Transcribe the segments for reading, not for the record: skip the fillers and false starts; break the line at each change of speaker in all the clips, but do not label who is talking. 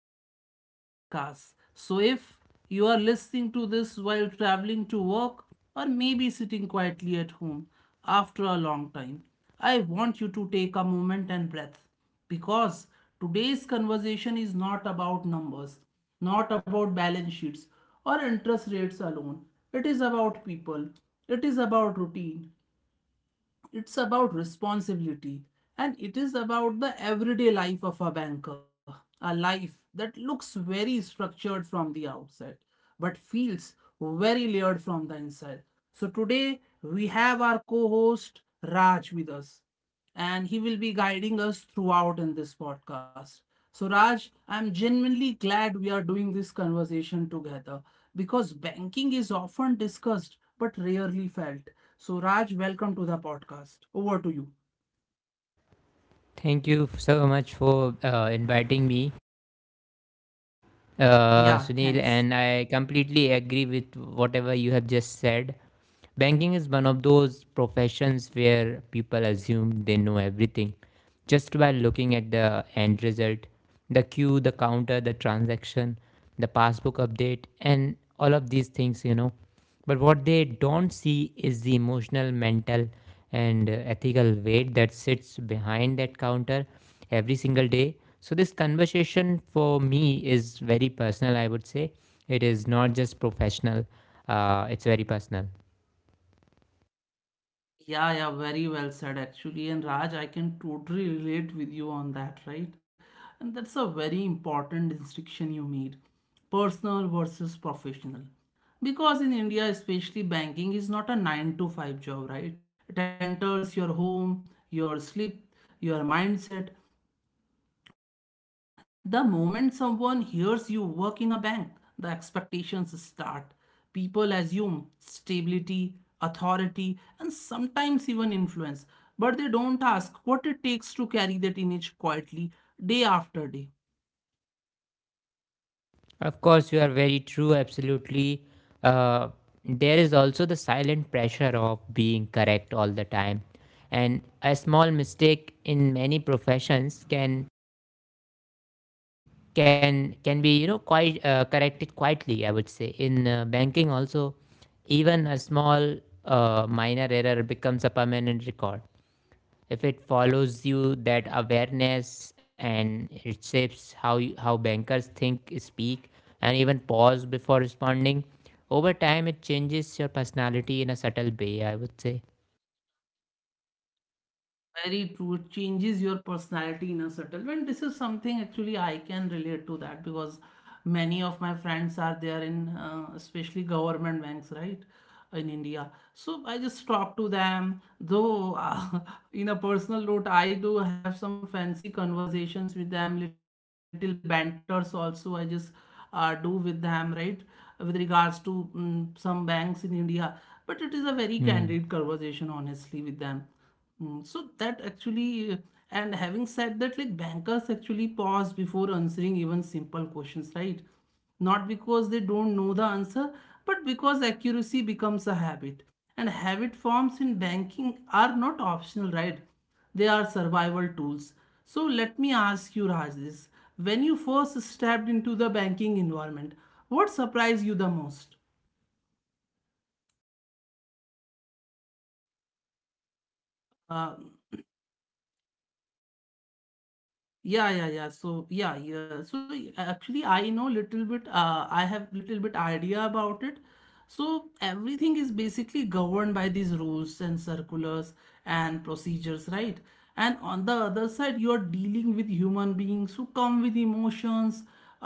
Welcome to the podcast. So, if you are listening to this while traveling to work or maybe sitting quietly at home after a long time, I want you to take a moment and breath because today's conversation is not about numbers, not about balance sheets or interest rates alone. It is about people, it is about routine, it's about responsibility, and it is about the everyday life of a banker, a life that looks very structured from the outside but feels very layered from the inside. So today we have our co-host Raj with us, and he will be guiding us throughout in this podcast. So, Raj, I'm genuinely glad we are doing this conversation together because banking is often discussed but rarely felt. So, Raj, welcome to the podcast. Over to you.
Thank you so much for inviting me,
Yeah,
Sunil.
thanks.
And I completely agree with whatever you have just said. Banking is one of those professions where people assume they know everything just by looking at the end result, the queue, the counter, the transaction, the passbook update, and all of these things. But what they don't see is the emotional, mental, and ethical weight that sits behind that counter every single day. So, this conversation for me is very personal, I would say. It is not just professional, it's very personal.
Yeah, yeah, very well said actually. And Raj, I can totally relate with you on that, right? And that's a very important distinction you made, personal versus professional. Because in India, especially, banking is not a 9 to 5 job, right? It enters your home, your sleep, your mindset. The moment someone hears you work in a bank, the expectations start. People assume stability, authority, and sometimes even influence, but they don't ask what it takes to carry that image quietly day after day.
Of course, you are very true, absolutely. Uh, there is also the silent pressure of being correct all the time. And a small mistake in many professions can be, you know, quite, corrected quietly, I would say. In banking also, even a small, minor error becomes a permanent record. If it follows you, that awareness, and it shapes how you, how bankers think, speak, and even pause before responding. Over time, it changes your personality in a subtle way, I would say.
Very true. It changes your personality in a subtle way. And this is something actually I can relate to, that because many of my friends are there in especially government banks, right? In India. So I just talk to them. Though in a personal note, I do have some fancy conversations with them, little banters also I just do with them, right? With regards to some banks in India. But it is a very
Hmm.
candid conversation, honestly, with them. So that actually, and having said that, like bankers actually pause before answering even simple questions, right? Not because they don't know the answer, but because accuracy becomes a habit. And habit forms in banking are not optional, right? They are survival tools. So let me ask you, Raj, this. When you first stepped into the banking environment, what surprised you the most? Uh, actually, I know little bit. I have little bit idea about it. So everything is basically governed by these rules and circulars and procedures, right? And on the other side, you are dealing with human beings who come with emotions,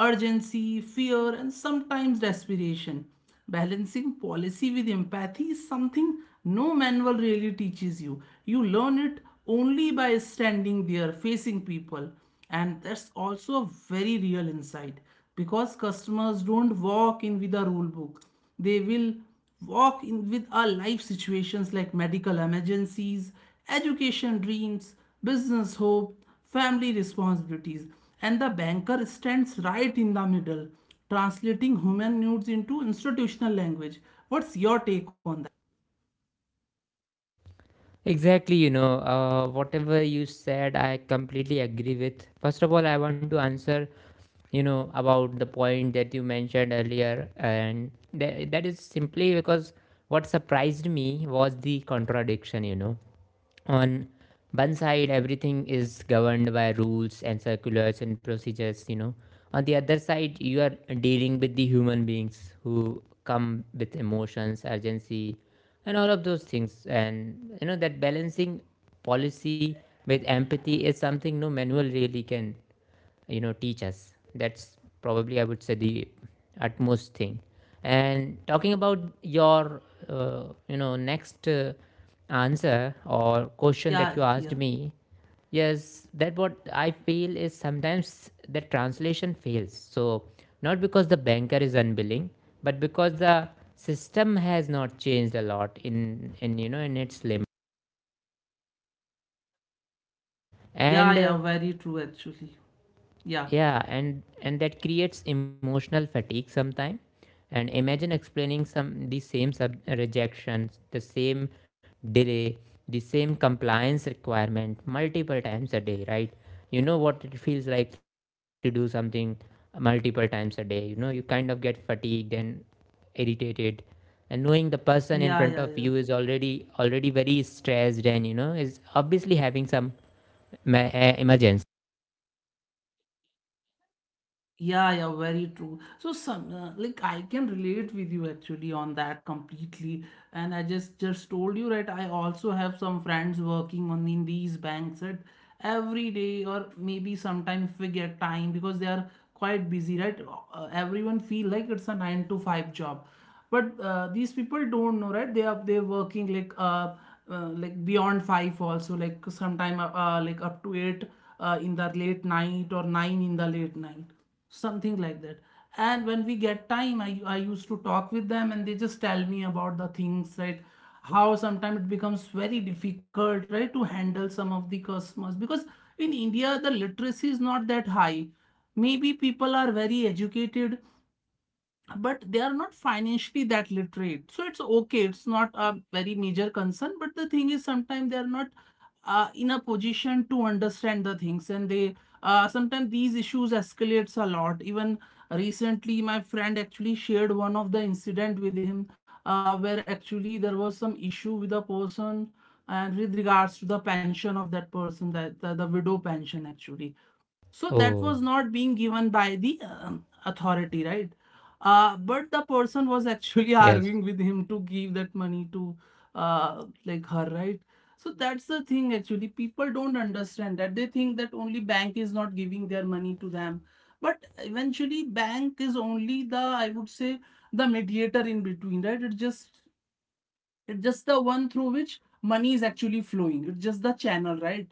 urgency, fear, and sometimes desperation. Balancing policy with empathy is something no manual really teaches you. You learn it only by standing there facing people. And that's also a very real insight because customers don't walk in with a rule book. They will walk in with our life situations, like medical emergencies, education dreams, business hope, family responsibilities, and the banker stands right in the middle, translating human needs into institutional language. What's your take on that?
Exactly, you know, whatever you said, I completely agree with. First of all, I want to answer, you know, about the point that you mentioned earlier, and that is simply because what surprised me was the contradiction, you know. On one side, everything is governed by rules and circulars and procedures, you know. On the other side, you are dealing with the human beings who come with emotions, urgency, and all of those things. And you know that balancing policy with empathy is something no manual really can, you know, teach us. That's probably, I would say, the utmost thing. And talking about your, uh, next answer or question that
Yeah,
you asked
yeah,
me, yes, that what I feel is sometimes the translation fails. So not because the banker is unwilling, but because the system has not changed a lot in, you know, in its limit.
yeah,
And
yeah, very true actually. Yeah,
yeah, and that creates emotional fatigue sometimes. And imagine explaining some the same sub rejections, the same delay, the same compliance requirement multiple times a day, right? You know what it feels like to do something multiple times a day. You know, you kind of get fatigued and irritated, and knowing the person in
yeah,
front
yeah,
of
yeah.
you is already very stressed and, you know, is obviously having some emergency.
Yeah, yeah, very true. So some like I can relate with you actually on that completely. And I just told you, right? I also have some friends working on in these banks, right, every day, or maybe sometime, if we get time, because they are quite busy, right. Everyone feel like it's a nine to five job, but these people don't know, right. They're working like beyond five also, like sometime like up to eight in the late night, or nine in the late night, something like that. And when we get time, I used to talk with them and they just tell me about the things, right, how sometimes it becomes very difficult, right, to handle some of the customers, because in India the literacy is not that high. Maybe people are very educated, but they are not financially that literate, so it's okay, it's not a very major concern, but the thing is sometimes they are not in a position to understand the things, and they sometimes these issues escalates a lot. Even recently my friend actually shared one of the incident with him, where actually there was some issue with a person, and with regards to the pension of that person, that the, widow pension actually, so that
Oh,
was not being given by the authority, right? But the person was actually
yes,
arguing with him to give that money to like her, right? So that's the thing actually. People don't understand that. They think that only bank is not giving their money to them. But eventually bank is only the, I would say, the mediator in between, right? It's just the one through which money is actually flowing. It's just the channel, right?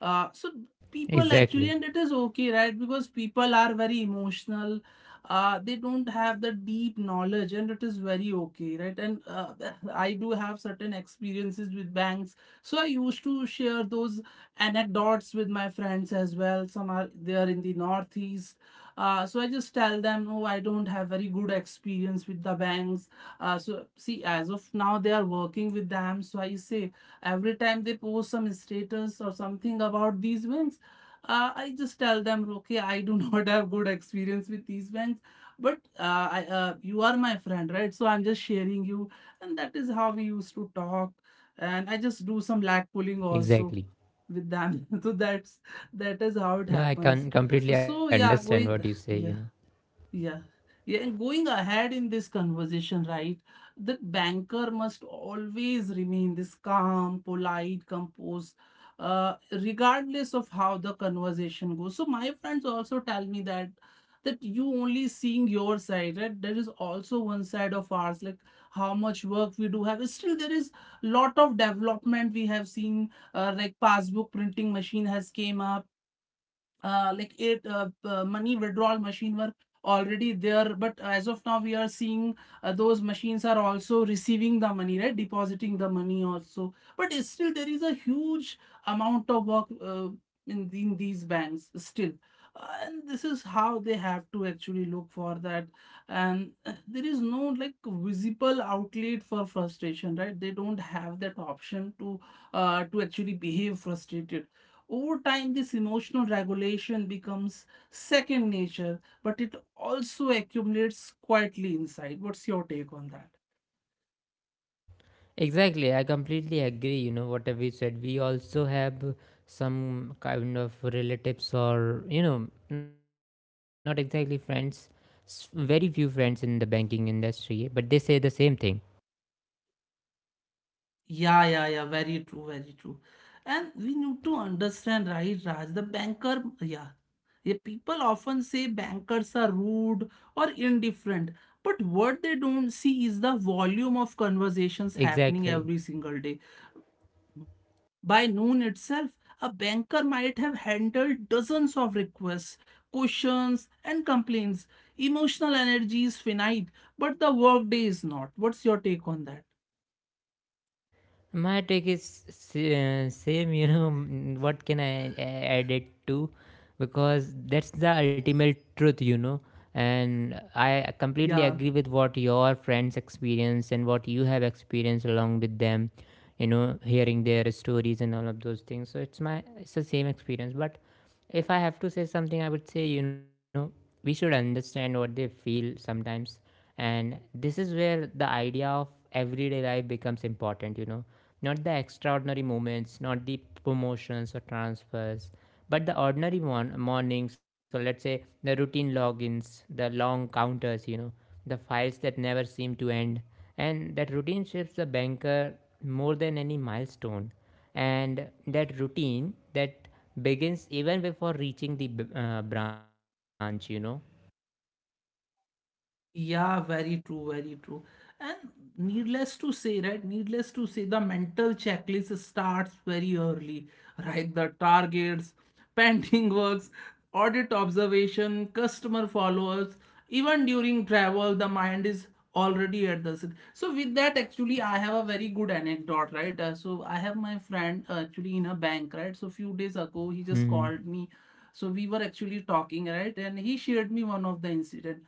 So people
exactly.
actually, and it is okay, right? Because people are very emotional. They don't have the deep knowledge, and it is very okay, right? And I do have certain experiences with banks, so I used to share those anecdotes with my friends as well. Some are they are in the northeast, so I just tell them, no, I don't have very good experience with the banks, so see, as of now, they are working with them. So I say every time they post some status or something about these banks, I just tell them, okay, I do not have good experience with these banks, but you are my friend, right? So I'm just sharing you, and that is how we used to talk. And I just do some lag pulling also
Exactly.
with them. So that's that is how it
No, I
happens.
can completely
So
understand
yeah,
what you
going
say, you know.
yeah. Yeah. Yeah, and going ahead in this conversation, right, the banker must always remain this calm, polite, composed, regardless of how the conversation goes. So my friends also tell me that that you only seeing your side, right? There is also one side of ours, like how much work we do have. Still, there is lot of development we have seen. Like passbook printing machine has came up, like it money withdrawal machine were already there, but as of now we are seeing those machines are also receiving the money, right, depositing the money also, but still there is a huge amount of work in these banks still. And this is how they have to actually look for that, and there is no like visible outlet for frustration, right, they don't have that option to actually behave frustrated. Over time, this emotional regulation becomes second nature, but it also accumulates quietly inside. What's your take on that?
Exactly, I completely agree, you know, whatever you said. We also have some kind of relatives or, you know, not exactly friends, very few friends in the banking industry, but they say the same thing.
Yeah, yeah, yeah. Very true, very true. And we need to understand, right, Raj? The banker, yeah. Yeah, people often say bankers are rude or indifferent, but what they don't see is the volume of conversations happening
Exactly.
every single day. By noon itself, a banker might have handled dozens of requests, questions, and complaints. Emotional energy is finite, but the workday is not. What's your take on that?
My take is same, you know, what can I add it to? Because that's the ultimate truth, you know. And I completely
Yeah.
agree with what your friends experience and what you have experienced along with them, you know, hearing their stories and all of those things. So it's my, it's the same experience. But if I have to say something, I would say, you know, we should understand what they feel sometimes. And this is where the idea of everyday life becomes important, you know. Not the extraordinary moments, not the promotions or transfers, but the ordinary mornings, or let's say the routine logins, the long counters, you know, the files that never seem to end. And that routine shapes the banker more than any milestone. And that routine that begins even before reaching the branch, you know.
Yeah, very true, very true. And needless to say, right? Needless to say, the mental checklist starts very early, right? The targets, painting works, audit observation, customer follow-ups, even during travel, the mind is already at the so with that actually I have a very good anecdote, right. So I have my friend actually in a bank, right, so few days ago he just
Mm-hmm.
called me, so we were actually talking, right, and he shared me one of the incident.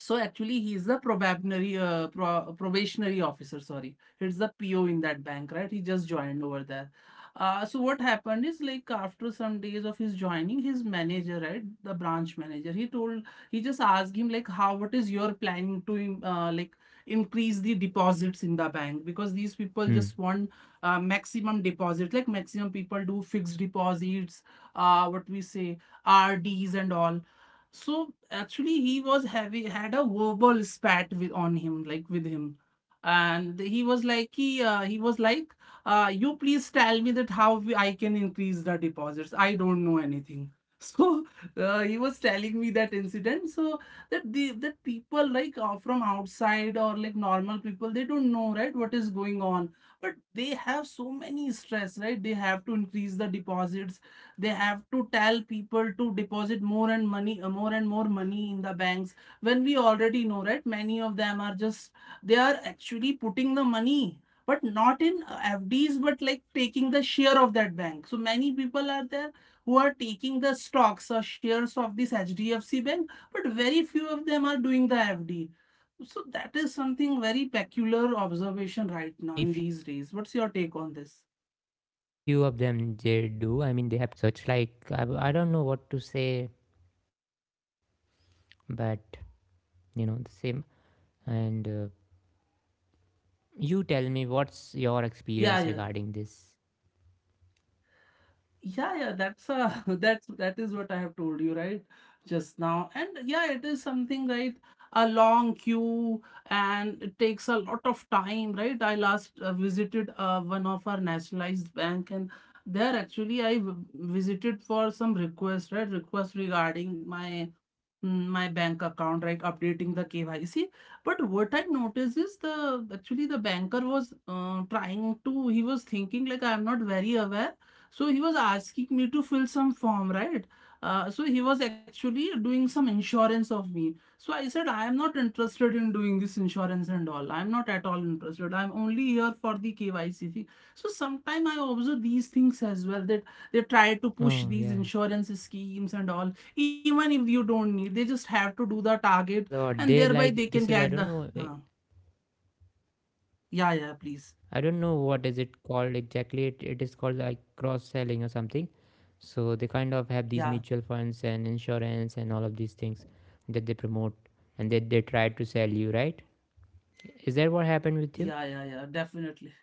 So actually, he is the probationary officer. Sorry, he's the PO in that bank, right? He just joined over there. So what happened is like after some days of his joining, his manager, right, the branch manager, he just asked him like, how what is your planning to like increase the deposits in the bank, because these people just want maximum deposit, like maximum people do fixed deposits, what we say, RDs and all. So actually, he was having had a verbal spat with on him, like with him, and he was like, you please tell me that how I can increase the deposits. I don't know anything. So he was telling me that incident. So that people like from outside, or like normal people, they don't know, right, what is going on, but they have so many stress, right? They have to increase the deposits. They have to tell people to deposit more and money more and more money in the banks when we already know, right, many of them are just, they are actually putting the money but not in FDs, but like taking the share of that bank. So many people are there who are taking the stocks or shares of this HDFC bank, but very few of them are doing the FD. So that is something, very peculiar observation right
Exactly.
now
Very
in
few
these
of
days. What's
them
your
they
take on
do. I
this?
mean, they have target also. So it's like I don't know what to say, but you know the same. And you tell me, what's your experience
Yeah, yeah.
regarding this?
Yeah, yeah, that's that is what I have told you, right? Just now. And yeah, it is something, right? A long queue, and it takes a lot of time, right? I last visited one of our nationalized bank, and there actually I visited for some request, right? Request regarding my my bank account, right? Updating the KYC. But what I noticed is, the actually the banker was trying to, he was thinking like I am not very aware, so he was asking me to fill some form, right? So he was actually doing some insurance of me. So I said, I am not interested in doing this insurance and all. I'm not at all interested. I'm only here for the KYC thing. So sometimes I observe these things as well, that they try to push
Oh
these
yeah,
insurance schemes and all, even if you don't need, they just
a
have to
lot.
do
They
the
like
target
this is I don't
and
know.
thereby they can get the. Uh, yeah,
I
yeah,
don't know
please.
what is it called exactly. It is called like cross selling or something. So they kind of have these mutual
Yeah,
funds and insurance and all of these things that they promote and that they try to sell you, right? Is that what happened with you?
yeah, yeah, yeah, definitely.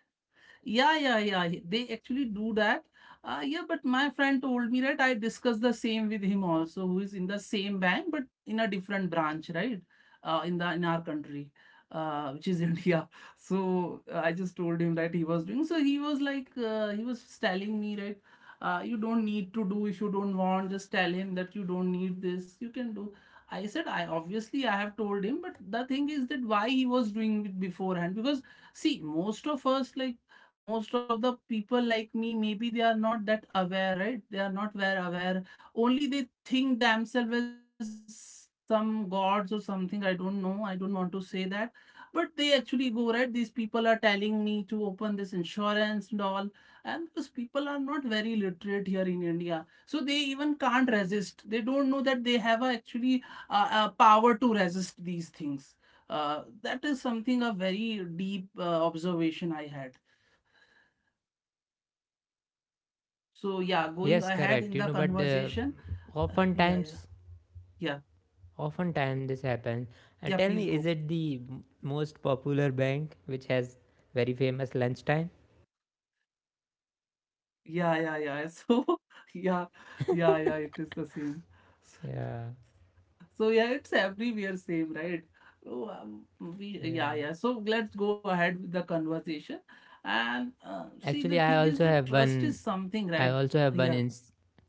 Yeah, yeah, yeah. They actually do that. Yeah, but my friend told me, right? I discussed the same with him also, who is in the same bank, but in a different branch, right? In our country, which is India. So I just told him that he was doing. So he was like, he was telling me, right? You don't need to do if you don't want. Just tell him that you don't need this. You can do. I said, I obviously I have told him, but the thing is that why he was doing it beforehand. Because see, most of us like most of the people like me, maybe they are not that aware, right, they are not very aware. Only they think themselves as some gods or something. I don't know, I don't want to say that. But they actually go, right, these people are telling me to open this insurance and all. And because people are not very literate here in India, so they even can't resist. They don't know that they have a actually a power to resist these things. That is something, a very deep observation I had. So yeah, going
Yes,
ahead
correct.
in
You
the
know, but
conversation. Yeah, yeah,
oftentimes,
yeah,
oftentimes this happens. And
yeah.
tell
Please
me, is
go.
it the most popular bank which has very famous lunchtime?
Yeah, yeah, yeah. So yeah, yeah, yeah. It is the same. S-
Yeah,
So yeah, it's everywhere same, right? Oh,
yeah.
yeah, yeah. So let's go ahead with the conversation. And see, the
Actually, I
thing is
also
that
have
trust is
one.
something,
I
right?
also have one
Yeah,
in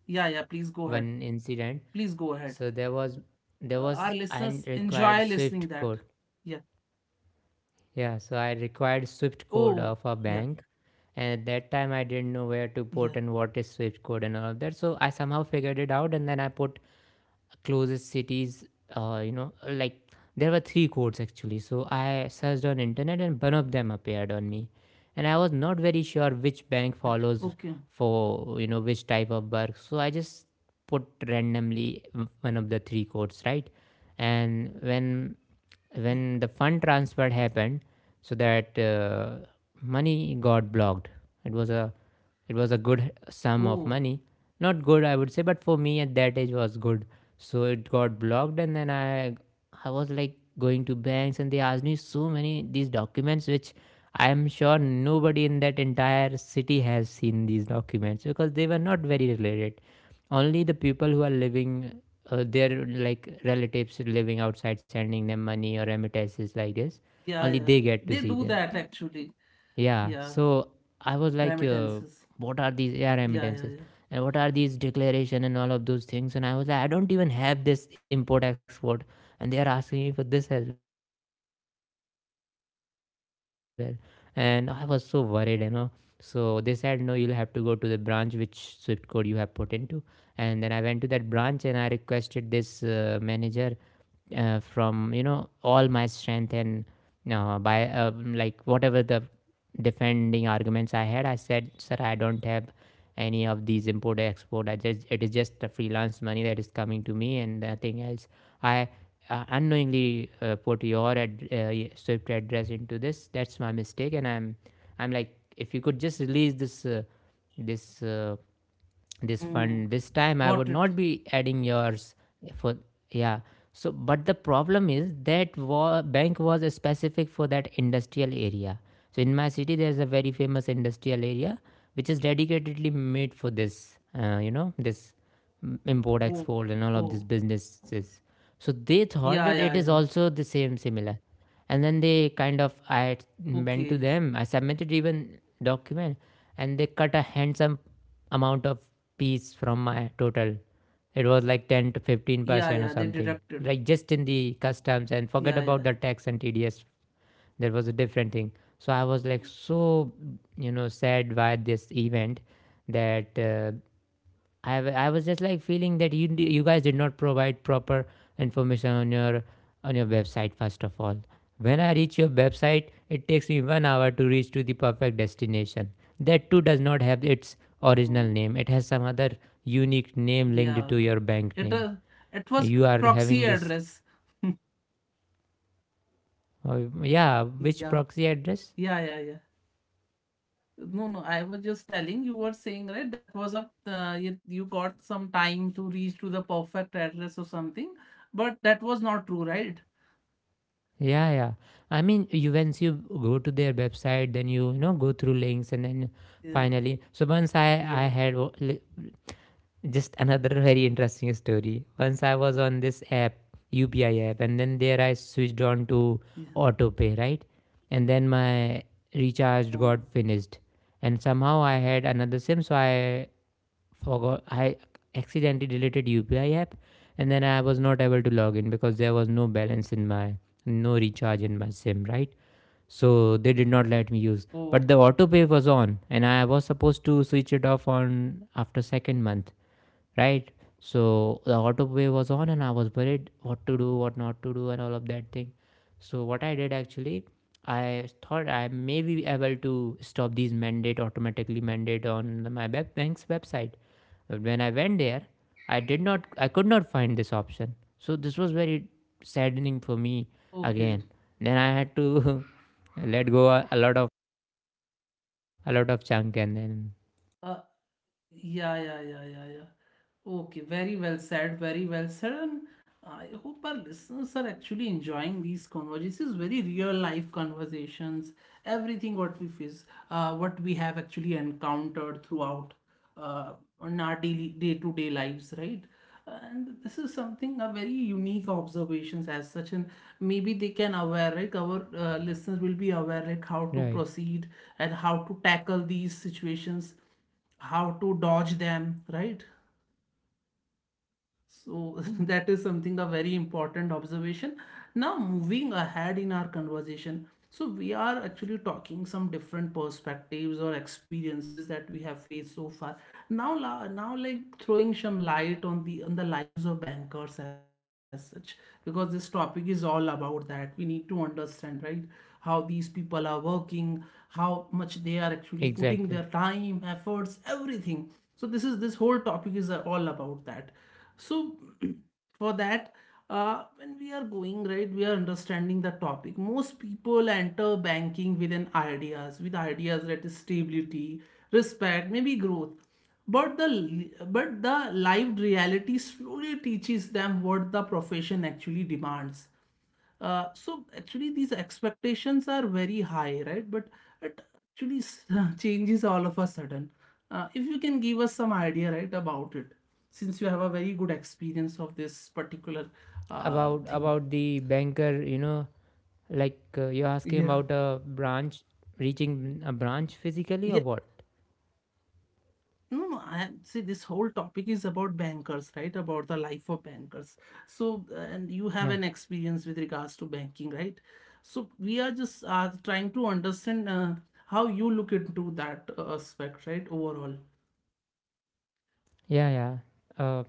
yeah, yeah. Please go ahead.
one incident.
Please go ahead.
So there was there was
Our
I
listeners
required
enjoy listening
Swift
that.
code.
Yeah.
Yeah, so I required Swift code
Oh,
of a
yeah,
bank, and at that time I didn't know where to put
yeah.
and what is Swift code and all of that. So I somehow figured it out, and then I put closest cities. You know, like there were three codes actually, so I searched on internet and one of them appeared on me, and I was not very sure which bank follows
Okay.
for, you know, which type of work. So I just put randomly one of the three codes, right? And when
Yeah.
when the fund transfer happened, so that, money got blocked. It was a it was a good sum of
Oh.
money. Not good, I would say, but for me at that age was good. So it got blocked, and then I was like going to banks, and they asked me so many these documents which I am sure nobody in that entire city has seen these documents because they were not very related. Only the people who are living, their like relatives living outside sending them
Yeah,
money
yeah.
or
They do
remittances like
that
this,
actually.
only they get to see
Yeah.
them. Yeah,
Remittances.
so I was like,
Yeah, yeah, yeah.
what are these AR remittances? And what are these declaration and all of those things? And I was like, I don't even have this import export. And they are asking me for this as well. And I was so worried, you know. So they said, no, you'll have to go to the branch which Swift code you have put into. And then I went to that branch and I requested this manager from, you know, all my strength, and by like whatever the defending arguments I had, I said, "Sir, I don't have any of these import export. I just it is just a freelance money that is coming to me and nothing else." I unknowingly put your Swift address into this. That's my mistake, and I'm like, if you could just release this, this uh, this
Mm.
fund this time, I would
Got it.
not be adding yours for, yeah. So, but the problem is that bank was specific for that industrial area. So, in my city, there's a very famous industrial area which is dedicatedly made for this. You know, this import export
Oh,
and all of these
oh.
businesses. So they thought that
Yeah,
it
yeah,
is
yeah.
also the same similar. And then they kind of, I went to
Okay.
them, I submitted even document, and they cut a handsome amount of piece from my total. It was like 10 to 15% or
Yeah, yeah. They
something, like
deducted.
just in the customs. And forget about
Yeah,
the
yeah.
tax and TDS, there was a different thing. So I was like,
Mm.
so, you know, sad by this event, that, I was just like feeling that you guys did not provide proper information on your, on your website first of all. When I reach your website, it takes me 1 hour to reach to the perfect destination. That too does not have its original name.
Mm.
It has some other unique name linked to
Yeah.
your bank name.
It, uh, it
You
was
are
proxy
having this,
address.
yeah. Which
Yeah,
proxy address?
yeah, yeah, yeah. No, no. I was just telling you were saying, right? That was a you got some time to reach to the perfect address or something, but that was not true, right?
Yeah, yeah. I mean, you once you go to their website, then you know, go through links and then
Yeah,
finally. So once I
yeah,
had just another very interesting story. Once I was on this app, UPI app, and then there I switched on to auto pay, right? And then my recharge
yeah.
got finished. And somehow I had another SIM, so I forgot. I accidentally deleted UPI app, and then I was not able to log in because there was no balance in my, no recharge in my SIM, right? So they did not let me use. But
Oh,
the auto pay was on, and I was supposed to switch it off on after second month, right? So the autoplay was on, and I was worried what to do, what not to do, and all of that thing. So what I did actually, I thought I may be able to stop these mandate automatically mandate on my web bank's website. But when I went there, I did not, I could not find this option. So this was very saddening for me
okay.
again. Then I had to let go a lot of chunk, and then...
Uh, yeah, yeah, yeah, yeah, yeah. Okay, very well said, very well said. And I hope our listeners are actually enjoying these conversations, very real life conversations, everything what we face, what we have actually encountered throughout uh, on our daily day-to-day lives, right? And this is something, a very unique observations as such, and maybe they can aware like our listeners will be aware like how to
Right.
proceed and how to tackle these situations, how to dodge them, right? So that is something, a very important observation. Now moving ahead in our conversation, so we are actually talking some different perspectives or experiences that we have faced so far. Now, now like throwing some light on the lives of bankers as such, because this topic is all about that. We need to understand, right? How these people are working, how much they are actually
Exactly.
putting their time, efforts, everything. So this is, this whole topic is all about that. so for that when we are going, right, we are understanding the topic. Most people enter banking with ideas that is stability, respect, maybe growth, but the lived reality slowly teaches them what the profession actually demands. So actually these expectations are very high, right? But it actually changes all of a sudden. If you can give us some idea, right, about it, since you have a very good experience of this particular
About
thing.
the banker, you know. Like you're asking
Yeah.
about a branch reaching a branch physically, or what?
No, no. I see this whole topic is about bankers, right? About the life of bankers. So, and you have
Yeah,
an experience with regards to banking, right? So we are just trying to understand how you look into that aspect, right? Overall.
yeah, yeah. Uh,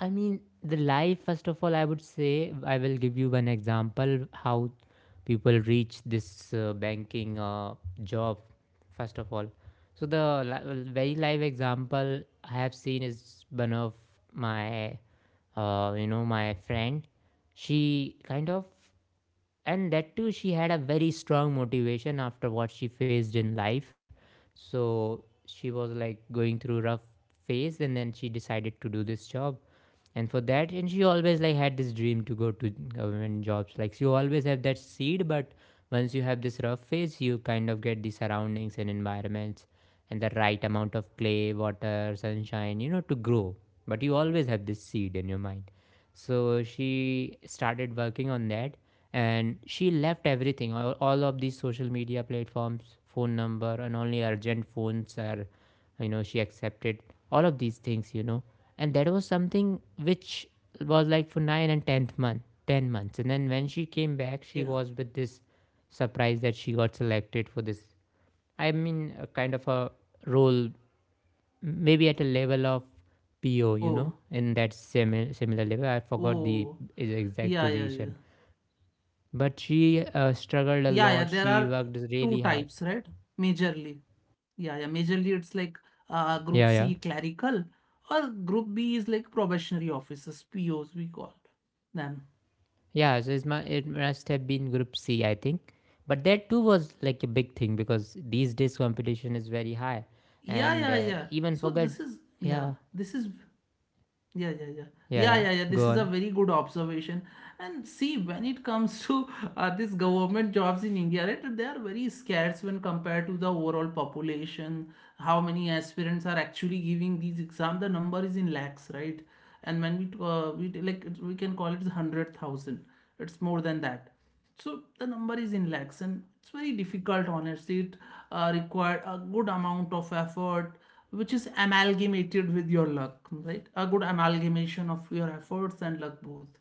I mean, the life. First of all, I would say I will give you one example how people reach this banking job. First of all, so the very live example I have seen is one of my you know my friend. She kind of and that too, she had a very strong motivation after what she faced in life. So she was like going through rough phase, and then she decided to do this job. And for that, and she always like had this dream to go to government jobs. Like, you always have that seed, but once you have this rough phase, you kind of get the surroundings and environments and the right amount of clay, water, sunshine, you know, to grow. But you always have this seed in your mind, so she started working on that. And she left everything, all of these social media platforms, phone number, and only urgent phones are, you know, she accepted all of these things, you know. And that was something which was like for nine and tenth month, 10 months. And then when she came back, she
Yeah.
was with this surprise that she got selected for this, I mean, a kind of a role maybe at a level of PO, you know,
Oh.
in that similar level. I forgot the
Oh.
exact
Yeah. Yeah. Yeah.
position, but she struggled a
Yeah. Yeah.
lot.
There
She
are
worked
two
really hard.
types, right? Majorly. Yeah. Yeah. Majorly, it's like Group
Yeah, yeah,
C clerical, or Group B is like probationary officers, POs we call them.
yeah. So it's my, it must have been Group C, I think. But that too was like a big thing because these days competition is very high,
Yeah,
and
yeah, yeah.
even
So
forget. Yeah,
this is yeah, yeah, yeah.
yeah,
Yeah,
yeah.
yeah, yeah.
Go
This is a
on.
very good observation. And see, when it comes to these government jobs in India, right, they are very scarce when compared to the overall population. How many aspirants are actually giving these exams? The number is in lakhs, right? And when like we can call it 100,000. It's more than that. So the number is in lakhs, and it's very difficult, honestly. It required a good amount of effort, which is amalgamated with your luck, right? A good amalgamation of your efforts and luck, both.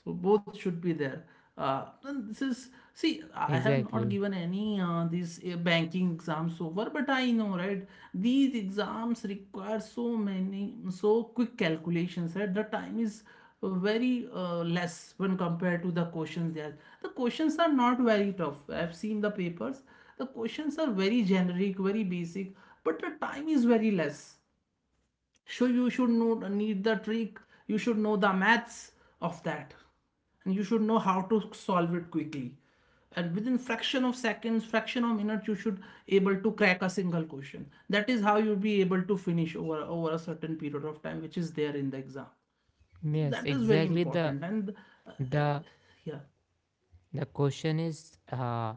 So both should be there. And this is, see, I have not
Exactly.
given any these banking exams so far, but I know, right, these exams require so many, so quick calculations, right? The time is very less when compared to the questions there. The questions are not very tough, I've seen the papers. The questions are very generic, very basic, but the time is very less. So you should know, need the trick, you should know the maths of that, and you should know how to solve it quickly, and within fraction of seconds, fraction of minutes, you should able to crack a single question. That is how you'll be able to finish over a certain period of time which is there in the exam.
Yes,
That is very
exactly.
important. And uh,
The
yeah,
The question is,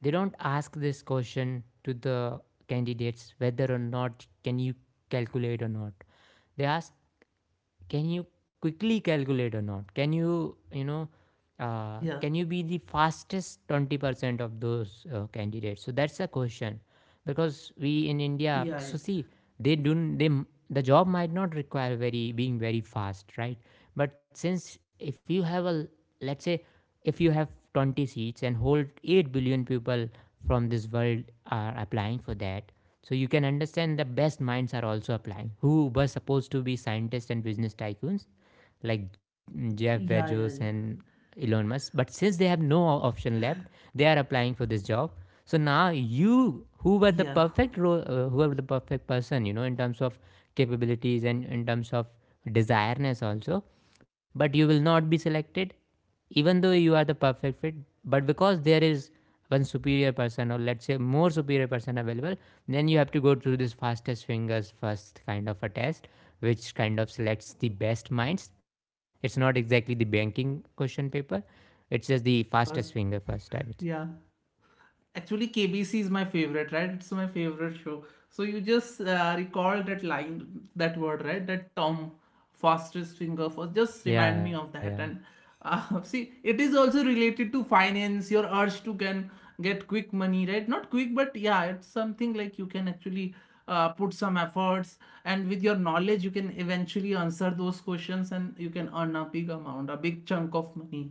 they don't ask this question to the candidates whether or not can you calculate or not. They ask, can you quickly calculate or not? Can you, you know, uh,
yeah,
can you be the fastest 20% of those candidates? So that's a question because we in India,
yeah, yeah,
so see, they don't, they, m- the job might not require very being very fast, right? But since if you have a, let's say, if you have 20 seats and hold 8 billion people from this world are applying for that. So you can understand the best minds are also applying, who were supposed to be scientists and business tycoons like Jeff Bezos
yeah, yeah,
and Elon Musk, but since they have no option left, they are applying for this job. So now you, who were the
yeah, yeah.
perfect person, you know, in terms of capabilities and in terms of desireness also, but you will not be selected even though you are the perfect fit. But because there is one superior person, or let's say more superior person available, then you have to go through this fastest fingers first kind of a test, which kind of selects the best minds. It's not exactly the banking question paper, it's just the
First,
fastest finger first, I would
yeah.
say.
Actually, KBC is my favorite, right? It's my favorite show. So you just recall that line, that word, right? That Tom, fastest finger first. Just remind me
Yeah,
of
yeah,
that. And see, it is also related to finance, your urge to can get quick money, right? Not quick, but yeah, it's something like you can actually put some efforts, and with your knowledge, you can eventually answer those questions, and you can earn a big amount, a big chunk of money.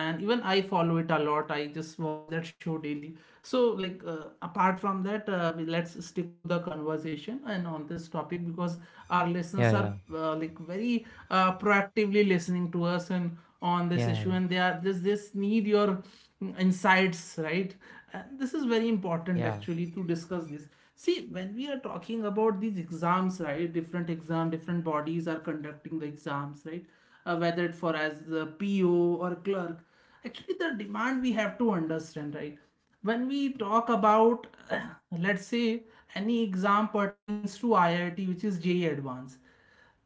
And even I follow it a lot, I just watch that show daily. So like apart from that let's stick to the conversation and on this topic, because our
yeah,
listeners
yeah,
are like very proactively listening to us and
yeah, yeah,
on this issue, and they are this need your insights, right? And this is very
yeah.
important actually to discuss this. See, when we are talking about these exams, right, different exam, different bodies are conducting the exams, right? Whether it for as a PO or a clerk. Actually, the demand we have to understand, right? When we talk about, let's say, any exam pertains to IIT, which is JEE Advanced,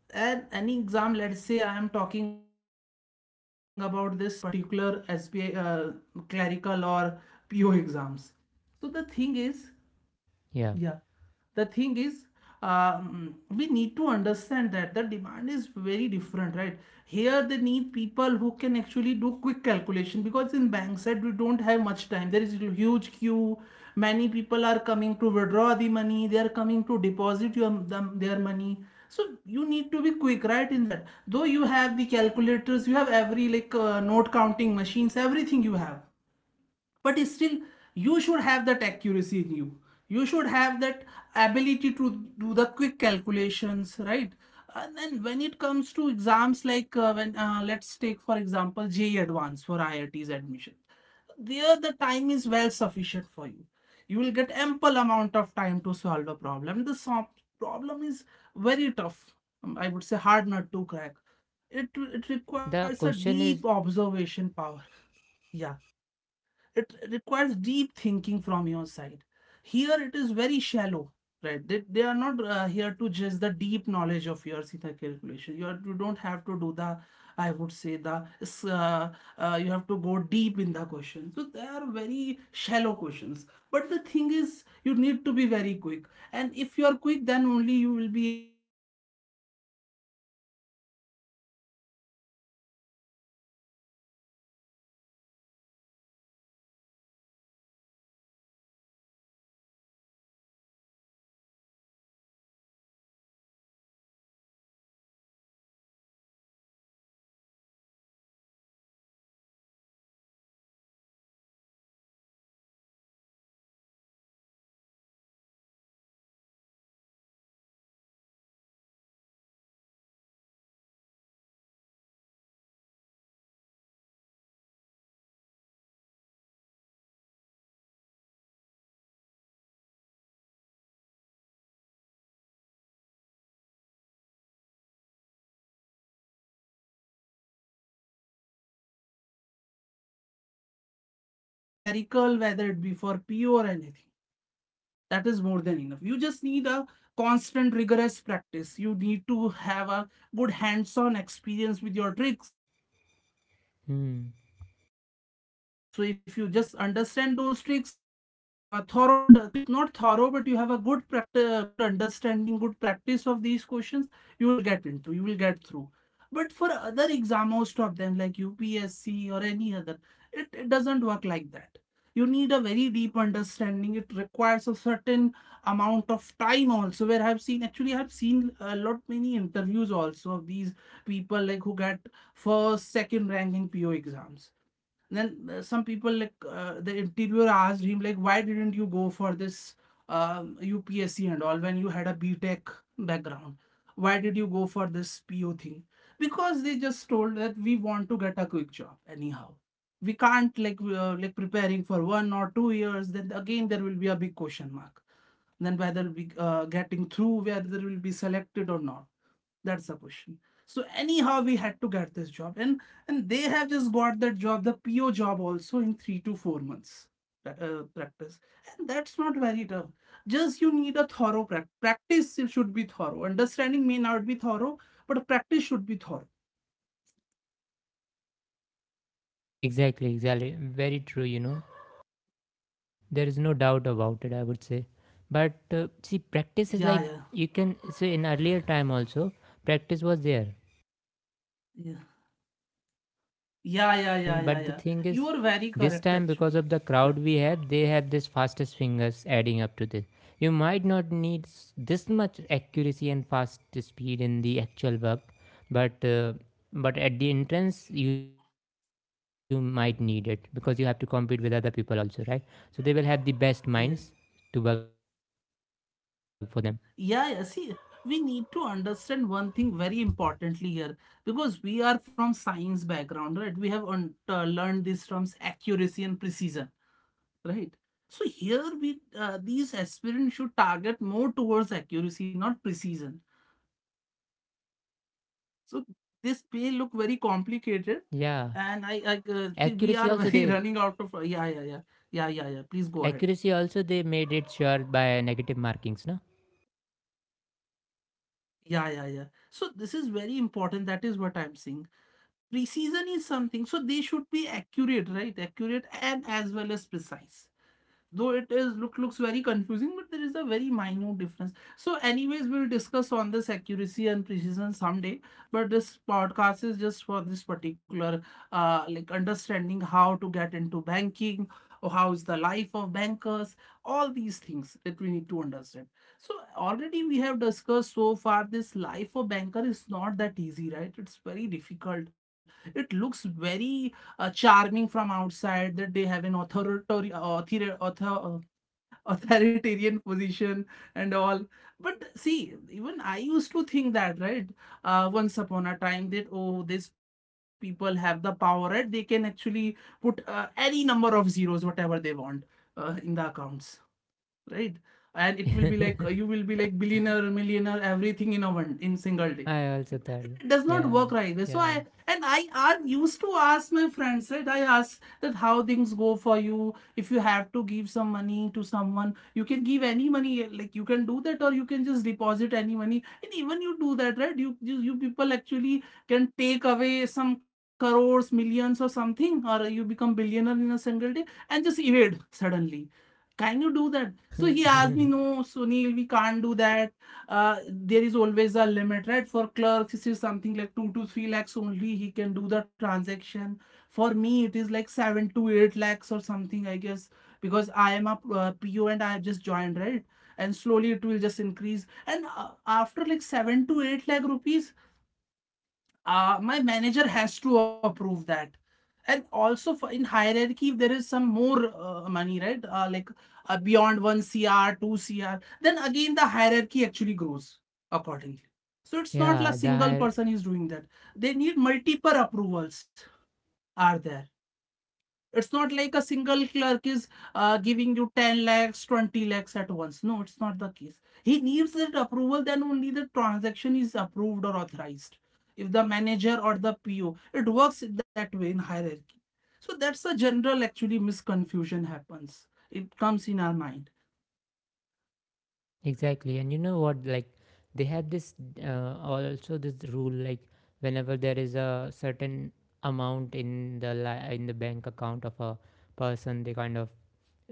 and any exam, let's say I am talking about this particular SPA clerical or PO exams. So the thing is, yeah.
Yeah,
The thing is, we need to understand that the demand is very different, right? Here they need people who can actually do quick calculation, because in bank side we don't have much time. There is a huge queue. Many people are coming to withdraw the money. They are coming to deposit their money. So you need to be quick, right? In that, though you have the calculators, you have every like note counting machines, everything you have but still, you should have that accuracy in You should have that ability to do the quick calculations, right? And then when it comes to exams like when let's take for example JEE Advanced for IIT's admission, there the time is well sufficient for you. You will get ample amount of time to solve the problem. The problem is very tough. I would say, hard nut to crack. It it requires
the
a
question
deep
is...
observation power. Yeah, it requires deep thinking from your side. Here it is very shallow, right? They are not here to judge the deep knowledge of your theta calculation. You don't have to do the, I would say, the you have to go deep in the question. So they are very shallow questions. But the thing is, you need to be very quick. And if you are quick, then only you will be able to finish your test. You will be able to get. And with that, you have to be have a good accuracy, right? Whatever you are doing, there should be correct. Otherwise, there are negative marks also in the exam. And this is how my friends actually told me, that Sunil, that before we were actually good in that. We were able to solve every question. But somehow the timing was not. I was We are not able
hmm,
to finish the test in that time
yeah.
which was allotted to us. And even if we try to do that, somehow we are compromising on accuracy. But somehow they have just actually put those steps forward. They try to practice it more and more. And you don't believe, even 3 to 4 months are more than sufficient for these exams if you practice genuinely, right? 3 to 4 months is enough for any banking exam, whether it be clerk, whether it be clerical, whether it be for po or anything. That is more than enough. You just need a constant rigorous practice. You need to have a good hands on experience with your tricks and all. So these
Hmm,
tricks are only workable here. So if you just understand those tricks, if you have a thorough and not thorough, but you have a good practice, good understanding, good practice of these questions, you will get through. But for other exam, most of them like upsc or any other, it doesn't work like that. You need a very deep understanding. It requires a certain amount of time also, where I've seen a lot many interviews also of these people, like who get first second rank in po exams. Then some people like the interviewer asked him like, why didn't you go for this UPSC and all when you had a B Tech background? Why did you go for this PO thing? Because they just told that we want to get a quick job anyhow. We can't like preparing for 1 or 2 years. Then again, there will be a big question mark. Then whether we getting through, whether we'll be selected or not. That's the question. So anyhow, we had to get this job, and they have just got that job, the PO job also in 3 to 4 months practice. And that's not very tough. Just you need a thorough practice. It should be thorough. Understanding may not be thorough, but practice should be thorough.
exactly, exactly, very true, you know, there is no doubt about it, I would say. But see, practice is
Yeah,
like,
yeah,
you can say in earlier time also practice was there.
yeah, yeah, yeah, yeah,
And
yeah,
but the
yeah.
thing is,
You are very
this
correct
time because
actually.
of the crowd
Yeah,
we have, they have this fastest fingers adding up to this. You might not need this much accuracy and fast speed in the actual work, but uh, but at the entrance you might need it, because you have to compete with other people also, right? So they will have the best minds to work
yeah.
for them.
Yeah, yeah. See, we need to understand one thing very importantly here, because we are from science background, right? We have learned these terms accuracy and precision, right? So here we these aspirants should target more towards accuracy, not precision. So this may look very
Yeah.
complicated, and I,
Accuracy
I uh,
also
see we
they
are very running out of. Yeah, yeah, yeah, yeah, yeah, yeah. Please go ahead.
Accuracy also they made it sure by negative markings, no?
Yeah, yeah, yeah. So this is very important. That is what I'm saying. Precision is something, so they should be accurate, right? Accurate and as well as precise, though it is looks very confusing, but there is a very minute difference. So anyways, we'll discuss on this accuracy and precision someday. But this podcast is just for this particular like understanding how to get into banking or how is the life of bankers, all these things that we need to understand. So already we have discussed so far, this life of banker is not that easy, right? It's very difficult. It looks very charming from outside, that they have an authoritarian position and all. But see, even I used to think that, right? Once upon a time, that oh, these people have the power, right? They can actually put any number of zeros, whatever they want, in the accounts, right? And it will be like you will be like billionaire, millionaire, everything in a one in single day.
I also thought that.
It does not work
Yeah.
like this. So I
Yeah,
and I are used to ask my friends, right? I ask that how things go for you. If you have to give some money to someone, you can give any money, like you can do that, or you can just deposit any money. And even you do that, right? You people actually can take away some crores, millions, or something, or you become billionaire in a single day and just evade suddenly. Can you do that? So he
yeah.
asked me, no, Sunil, we can't do that. There is always a limit, right? For clerks, it is something like 2 to 3 lakhs only he can do the transaction. For me, it is like 7 to 8 lakhs or something, I guess, because I am a PO and I have just joined, right? And slowly it will just increase. And after like 7 to 8 lakh rupees, my manager has to approve that. And also for in hierarchy, if there is some more money, right? Beyond 1 cr 2 cr, then again the hierarchy actually grows accordingly. So it's not a
Yeah, the
single
higher,
person is doing that. They need multiple approvals are there. It's not like a single clerk is giving you 10 lakhs, 20 lakhs at once. No, it's not the case. He needs that approval, then only the transaction is approved or authorized. If the manager or the PO, it works that way in hierarchy. So that's a general actually misconfusion happens. It comes in our mind.
exactly. And you know what, like, they have this also this rule, like, whenever there is a certain amount in the in the bank account of a person, they kind of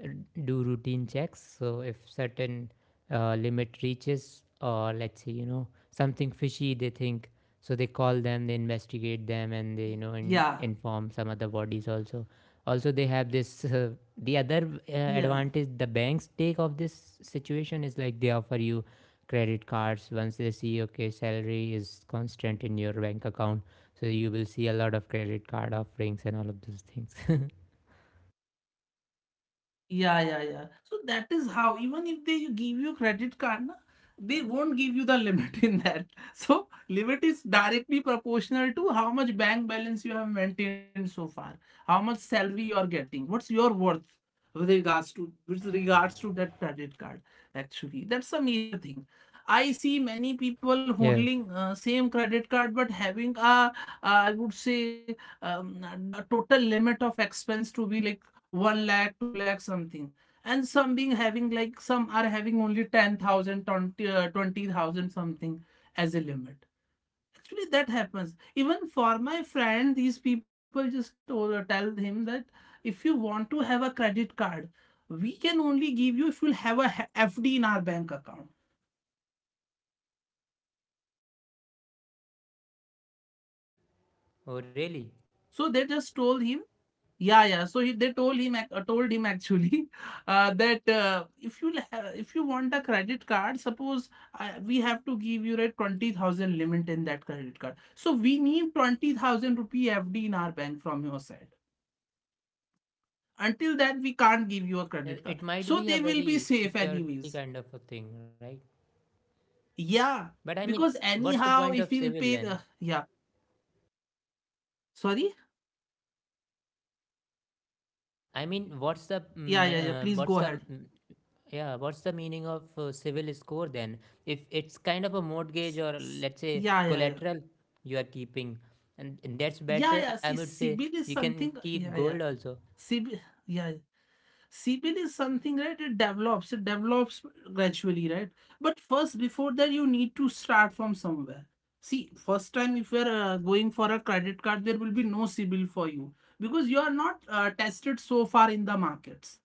r- do routine checks. So if certain limit reaches, or let's say, you know, something fishy they think, so they call them, they investigate them, and they, you know,
Yeah,
inform some other bodies also. Also, they have this. The other
yeah.
advantage the banks take of this situation is, like, they offer you credit cards once they see okay, salary is constant in your bank account, so you will see a lot of credit card offerings and all of those things.
Yeah, yeah, yeah. So that is how, even if they give you credit card, na, they won't give you the limit in that. So limit is directly proportional to how much bank balance you have maintained so far, how much salary you are getting, what's your worth with regards to that credit card. Actually, that's a major thing. I see many people
Yes.
holding same credit card but having a I would say the total limit of expense to be like 1 lakh, 2 lakh something. And some being having like some are having only 10,000, uh, something as a limit. Actually, that happens. Even for my friend, these people just told, tell him that if you want to have a credit card, we can only give you if you'll have a FD in our bank account.
Oh, really?
So they just told him. Yeah, yeah. So they told him, told him actually, that if you if you want a credit card, suppose we have to give you a 20,000 limit in that credit card. So we need 20,000 rupee FD in our bank from your side. Until that, we can't give you a credit
Yeah,
card.
it
So
might
they
be a
will be
very
safe
security
anyways.
kind of a thing, right?
Yeah,
But I mean,
because
what's the point
anyhow,
of
if
civil
he'll pay
then?
the yeah, sorry,
I mean,
yeah, yeah, yeah. Please go ahead.
what's the meaning of civil score then? If it's kind of a
S-
mortgage, or
s-
let's say,
Yeah, yeah, yeah.
collateral you are keeping, and that's
Yeah,
better,
yeah.
I
See,
would say.
CBIL
You
is
can
something.
keep
Yeah,
gold
yeah.
also.
CB, yeah, CBL is something, right? It develops gradually, right? But first, before that, you need to start from somewhere. See, first time if you're going for a credit card, there will be no CBL for you because you are not tested so far in the markets.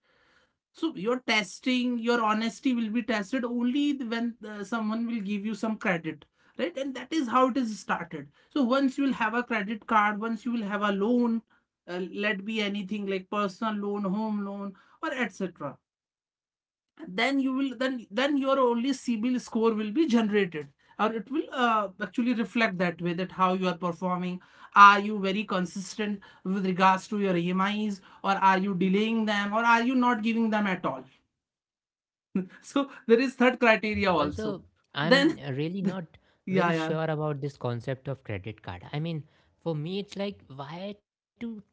So your testing, your honesty will be tested only when someone will give you some credit, right? And that is how it is started. So once you will have a credit card, once you will have a loan, let be anything like personal loan, home loan, or etc. Then your only CIBIL score will be generated, or it will actually reflect that way that how you are performing. Are you very consistent with regards to your EMIs, or are you delaying them, or are you not giving them at all? So there is third criteria also.
Also, I'm
Then,
really not
yeah,
very
yeah.
sure about this concept of credit card. I mean, for me, it's like, why to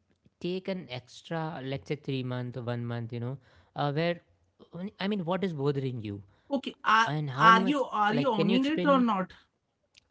take an extra, let's say, 3 month or 1 month, you know, where I mean, what is bothering you,
Okay, are
and how much?
are you are
Like,
you
can you
owning
explain
it
me?
or not?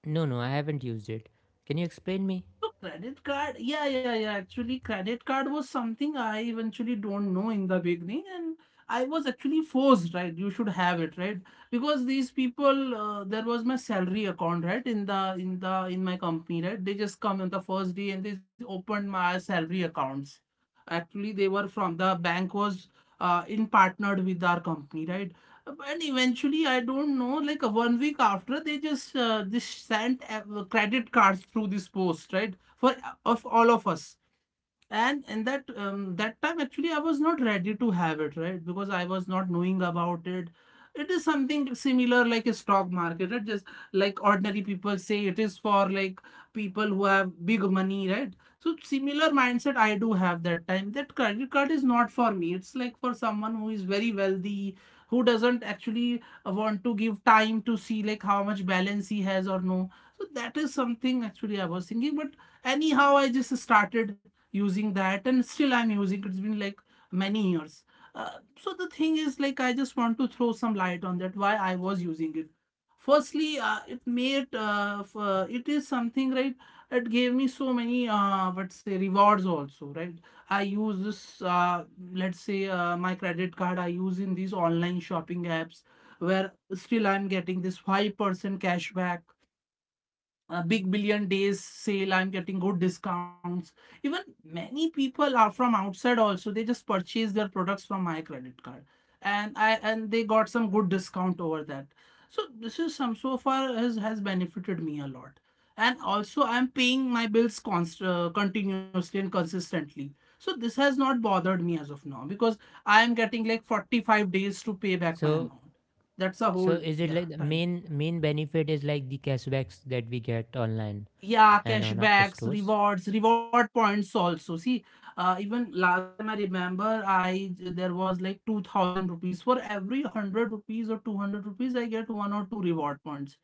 No, no, I haven't used it. Can you explain me?
So credit card, yeah. Actually, credit card was something I eventually don't know in the beginning, and I was actually forced, right? You should have it, right? Because these people, there was my salary account, right? In my company, right? They just come on the first day and they opened my salary accounts. Actually, they were from the bank was in partnered with our company, right? And eventually, I don't know, like 1 week after, they just this sent credit cards through this post, right? For of all of us. And in that that time actually I was not ready to have it, right, because I was not knowing about it. It is something similar like a stock market, right? Just like ordinary people say it is for like people who have big money, right? So similar mindset I do have that time, that credit card is not for me. It's like for someone who is very wealthy, who doesn't actually want to give time to see like how much balance he has or no. So that is something actually I was thinking, but anyhow I just started using that, and still I'm using. It's been like many years. So the thing is like I just want to throw some light on that why I was using it. Firstly, it is something, right? It gave me so many what say rewards also, right? I use this, let's say, my credit card I use in these online shopping apps, where still I'm getting this 5% cash back. Big billion days sale, I'm getting good discounts. Even many people are from outside also, they just purchase their products from my credit card, and I and they got some good discount over that. So this is some, so far has benefited me a lot. And also I'm paying my bills continuously and consistently. So this has not bothered me as of now, because I am getting like 45 days to pay back my
So,
amount. That's a
so
whole
is it like
yeah
the main
time.
benefit is like the cashbacks that we get online
Yeah,
and on our
cashbacks,
stores?
rewards, reward points also. See, even last time I remember, I there was like 2000 rupees. For every 100 rupees or 200 rupees, I get one or two reward points,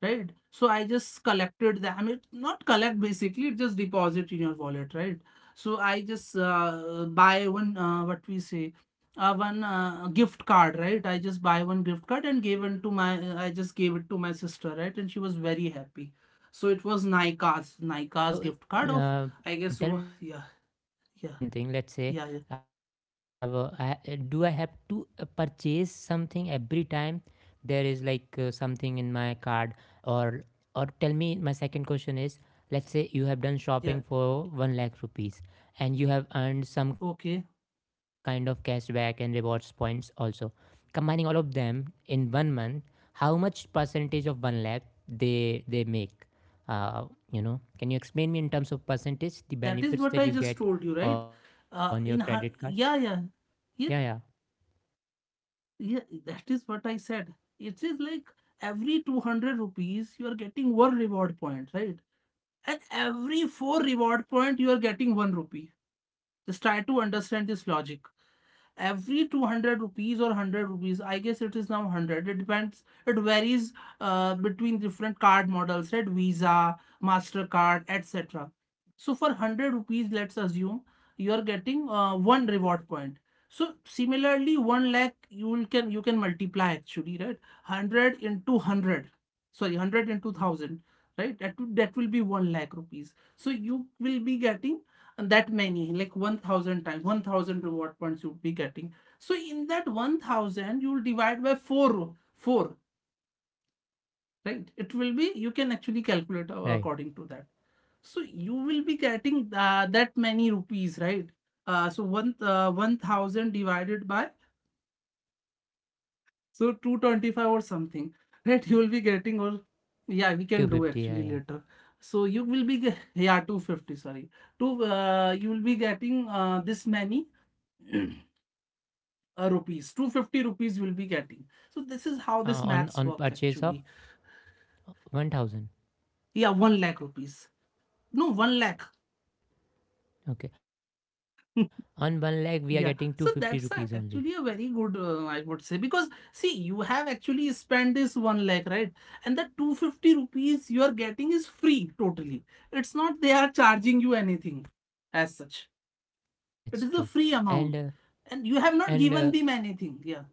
right? So I just collected them. I mean, not collect basically, it just deposit in your wallet, right? So I just buy one, one gift card, right? I just buy one gift card and gave it to my, I just gave it to my sister, right? And she was very happy. So it was Nika's, Nika's
So,
gift card of,
uh,
I guess,
tell
oh,
me one
yeah,
thing. Let's say
yeah, yeah, yeah,
do I have to purchase something every time there is like something in my card? Or or tell me, my second question is, let's say you have done shopping for
yeah.
1 lakh rupees, and you have earned some kind of
Okay,
cashback and rewards points also. Combining all of them in 1 month, how much percentage of 1 lakh they make? Uh, can you explain me in terms of
that is what
percentage
I
the
just told
benefits
you,
that you
right?
get on your credit card?
Yeah, yeah, yeah.
Yeah, yeah.
Yeah, that is what I said. It is like every 200 rupees you are getting one reward point, right? And every four reward point you are getting one rupee. Just try to understand this logic. Every 200 rupees or 100 rupees, I guess it is now 100. It depends, it varies between different card models, right? Visa, Mastercard, etc. So for 100 rupees, let's assume you are getting one reward point. So similarly, 1 lakh, you will, can you can multiply actually, right? 100 into 100, sorry, 100 into 1000, right? That will be 1 lakh rupees. So you will be getting, and that many, like 1000 times, 1000 reward points you'll be getting. So in that 1000, you'll divide by 4, 4, right? It will be, you can actually calculate
Right,
according to that. So you will be getting that many rupees, right? Uh, so one uh, 1000 divided by, so 225 or
by
something, right, you will be getting. Or yeah, we can do
250. Yeah,
actually
yeah.
later. So you will be yeah 250, sorry, two you will be getting this many rupees. 250 rupees will be getting. So this is how this
On
maths work
purchase of
actually.
1000?
Yeah, 1 lakh rupees. No, 1 lakh.
Okay, on 1 lakh we are getting 250 rupees
Yeah,
only.
so that's a, actually a very good, I would say, because see, you have actually spent this 1 lakh, right? And the 250 rupees you are getting is free totally. It's not they are charging you anything as such.
Yeah, yeah,
It
that's
is a
true.
free
and
amount.
uh,
And you have not
and uh,
given them anything, yeah.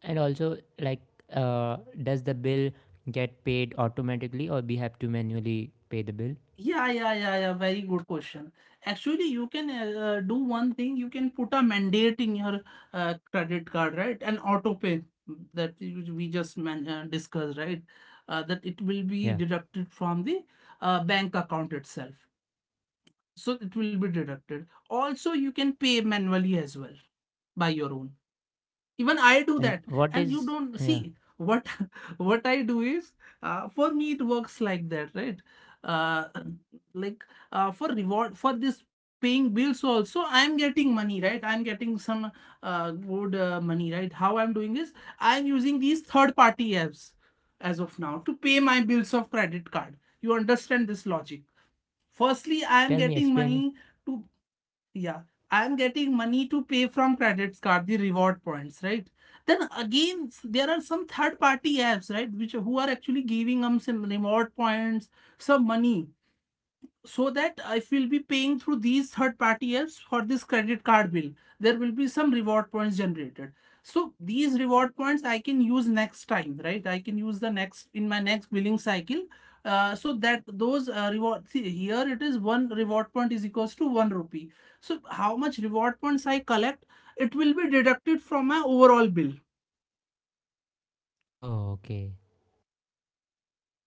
and also, like, uh, does the bill get paid automatically, or we have to manually pay the bill?
Yeah, yeah, yeah, yeah. Very good question. Actually, you can do one thing. You can put a mandate in your credit card, right? An auto pay mm, that you- we just man discussed, right? That it will be
Yeah.
deducted from the bank account itself. So it will be deducted. Also, you can pay manually as well by your own. Even I do
And
that.
what
And you
is...
don't
yeah,
see what what I do is, for me it works like that, right? uh, like, for reward, for this paying bills also, I'm getting money, right? I'm getting some good money, right? How I'm doing is, I'm using these third party apps as of now to pay my bills of credit card. You understand this logic? Firstly, I am
tell me,
getting
explain
money
me.
to, yeah, I'm getting money to pay from credits card, the reward points, right? Then again, there are some third party apps, right, which who are actually giving them some reward points, some money, so that if we'll be paying through these third party apps for this credit card bill, there will be some reward points generated. So these reward points I can use next time, right? I can use the next in my next billing cycle. So that those reward, see here it is one reward point is equals to one rupee. So how much reward points I collect, it will be deducted from my overall bill
Oh, okay.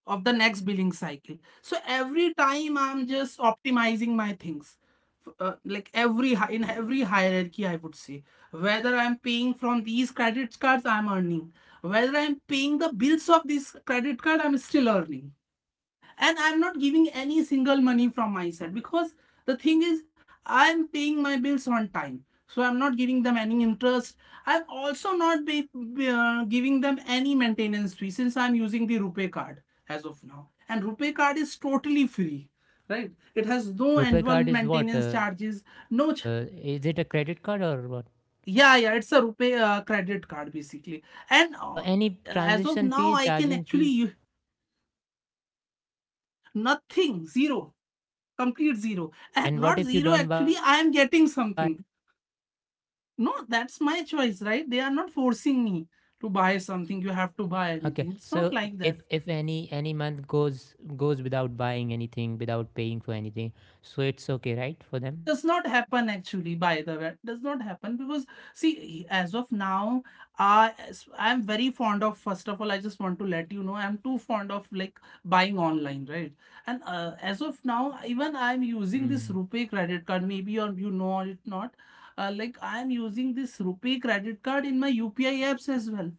of the next billing cycle. So every time I'm just optimizing my things. Like every, in every hierarchy I would say, whether I'm paying from these credit cards, I'm earning, whether I'm paying the bills of this credit card, I'm still earning. And I'm not giving any single money from my side, because the thing is, I'm paying my bills on time, so I'm not giving them any interest. I'm also not be, giving them any maintenance fee, since I'm using the rupee card as of now, and rupee card is totally free, right? It has no
Rupee
annual
card is what?
maintenance charges.
Is it a
No ch-
credit card or what?
Yeah, yeah, it's a rupee credit card basically. And
Any
as of
transaction
now,
fee,
I can
charging fees?
actually, nothing, zero. Complete zero. And
And
not
what if you
zero,
don't buy?
actually I am getting something. No, that's my choice, right? They are not forcing me to buy
Okay,
something. You have
so
to buy
if
anything,
if
it's
any
not like
any
that.
month goes without buying anything, without paying for anything, so it's okay, right, for them?
Does not happen, actually, by the way. Does not happen, because see, as of now, i I'm very fond of, first of all I just want to let you know, I'm too fond of like buying online, right? And as of now,
Hmm.
even I'm using this rupee credit card, maybe or you know it not. Like, I'm using this rupee credit card in my UPI apps as well.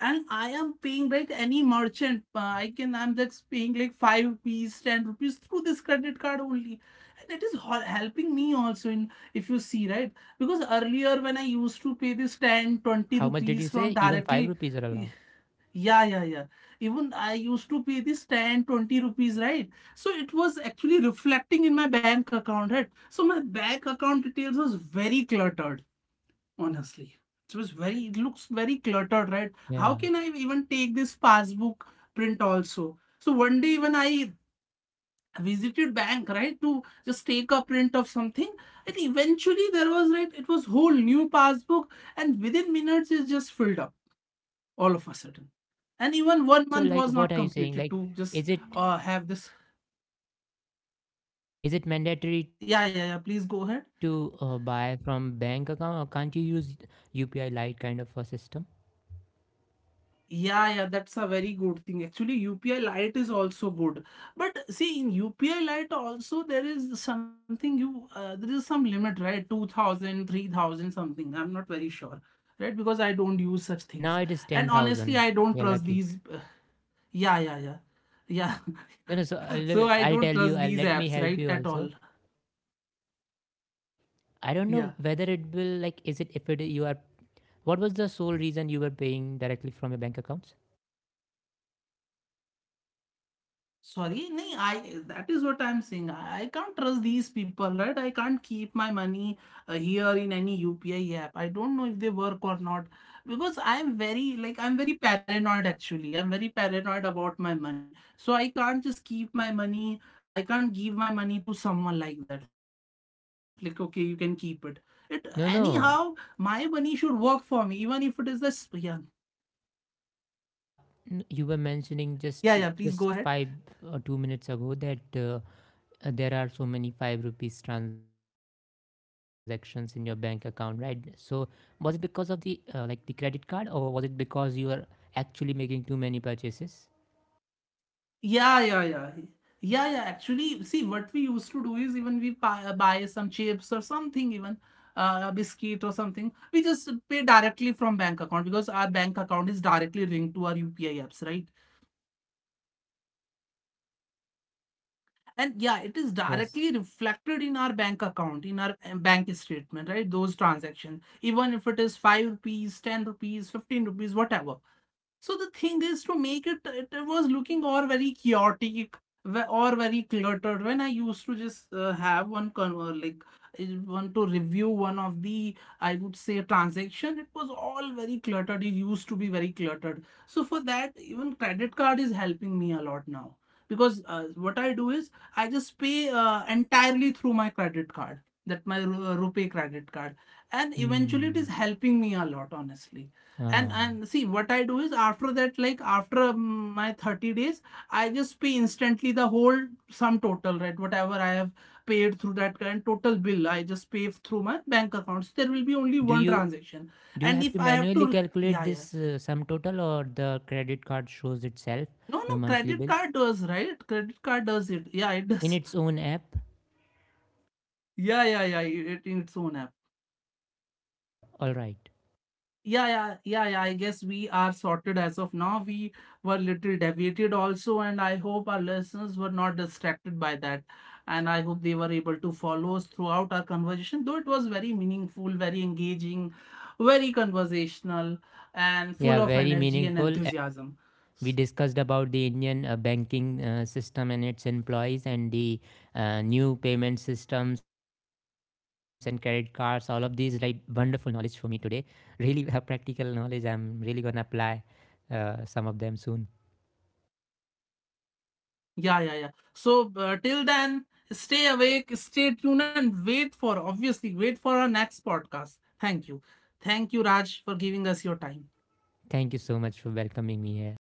And I am paying, like, any merchant. I'm just paying like 5 rupees, 10 rupees through this credit card only, and it is helping me also. In, if you see right, because earlier when I used to pay
How
this
much did you
10,
say?
20
Even five
rupees
rupees are
from
allowed.
directly, yeah, yeah, yeah. Even I used to pay this 10, 20 rupees, right? So it was actually reflecting in my bank account, right? So my bank account details was very cluttered. Honestly, it was very, it looks very cluttered, right? How
Yeah.
can I even take this passbook print also? So one day when I visited bank, right, to just take a print of something, and eventually there was, right, it was whole new passbook, and within minutes it's just filled up all of a sudden. And even one
So,
month
like,
was not
what are you saying?
completed
Like,
to just
is it
have this.
is it mandatory
Yeah, yeah, yeah.
to
Please go
buy
ahead.
from bank account, or can't you use UPI Lite kind of a system?
Yeah, yeah, that's a very good thing. Actually, UPI Lite is also good. But see, in UPI Lite also there is something, you, there is some limit, right? 2,000, 3,000, something. I'm not very sure. Right? Because I don't use
And
such
now it
things.
is
And
10,000.
honestly, I
You're
don't trust
lucky.
these. Yeah, yeah, yeah. Yeah.
No, no, so
So
I'll,
I
I'll
don't
tell you,
trust these
let me
apps,
help
right?
you
At
also.
all.
I don't know whether it will, like, is it if
Yeah.
it you are, what was the sole reason you were paying directly from your bank accounts?
Sorry, nahi, I, that is what I'm saying. I can't trust these people, right? I can't keep my money here in any UPI app. I don't know if they work or not, because I'm very like, I'm very paranoid actually. I'm very paranoid about my money. So I can't just keep my money. I can't give my money to someone like that. Like okay, you can keep it. It, anyhow,
No,
my
no.
money should work for me, even if it is this, yeah.
Uh, you were
Yeah,
mentioning
yeah, please
just
go ahead.
just 5 or 2 minutes ago that there are so many 5 rupees transactions in your bank account, right? So was it because of the like the credit card, or was it because you are actually making too many purchases?
Yeah, yeah, yeah. Yeah, yeah. Actually, see, what we used to do is, even we buy some chips or something, even biscuit or something. We just pay directly from bank account, because our bank account is directly linked to our UPI apps, right? And yeah, it is
Yes.
directly reflected in our bank account, in our bank statement, right? Those transactions, even if it is 5 rupees, 10 rupees, 15 rupees, whatever. So the thing is, to make it, it was looking all very chaotic or very cluttered. When I used to just like one to review one of the, I would say, transaction, it was all very cluttered. It used to be very cluttered. So for that, even credit card is helping me a lot now, because what I do is, I just pay entirely through my credit card, that my Rupee credit card, and eventually it is
Hmm.
helping me a lot, honestly. And
Ah.
see what I do is, after that, like after my 30 days, I just pay instantly the whole sum total, right? Whatever I have paid through that current total bill, I just pay through my bank accounts. There will be only
Do
one
you
transaction.
do you
And
have
if
to
I have
manually
to,
calculate
yeah, yeah.
this sum total, or the credit card shows itself
No,
your
no,
monthly
credit
bill
card does, right? Credit card does it, yeah, it
in
does.
its own app?
Yeah, yeah, yeah. It, in its own app.
All right.
Yeah, yeah, yeah, yeah. I guess we are sorted as of now. We were little deviated also, and I hope our listeners were not distracted by that. And I hope they were able to follow us throughout our conversation, though it was very meaningful, very engaging, very conversational, and
Yeah,
full of
very
energy and
meaningful.
enthusiasm.
We
S-
discussed about the Indian banking system and its employees, and the new payment systems and credit cards. All of these like wonderful knowledge for me today. Really, practical knowledge. I'm really gonna apply some of them soon.
Yeah, yeah, yeah. So, till then, stay awake, stay tuned, and wait for, obviously, wait for our next podcast. Thank you. Thank you, Raj, for giving us your time.
Thank you so much for welcoming me here.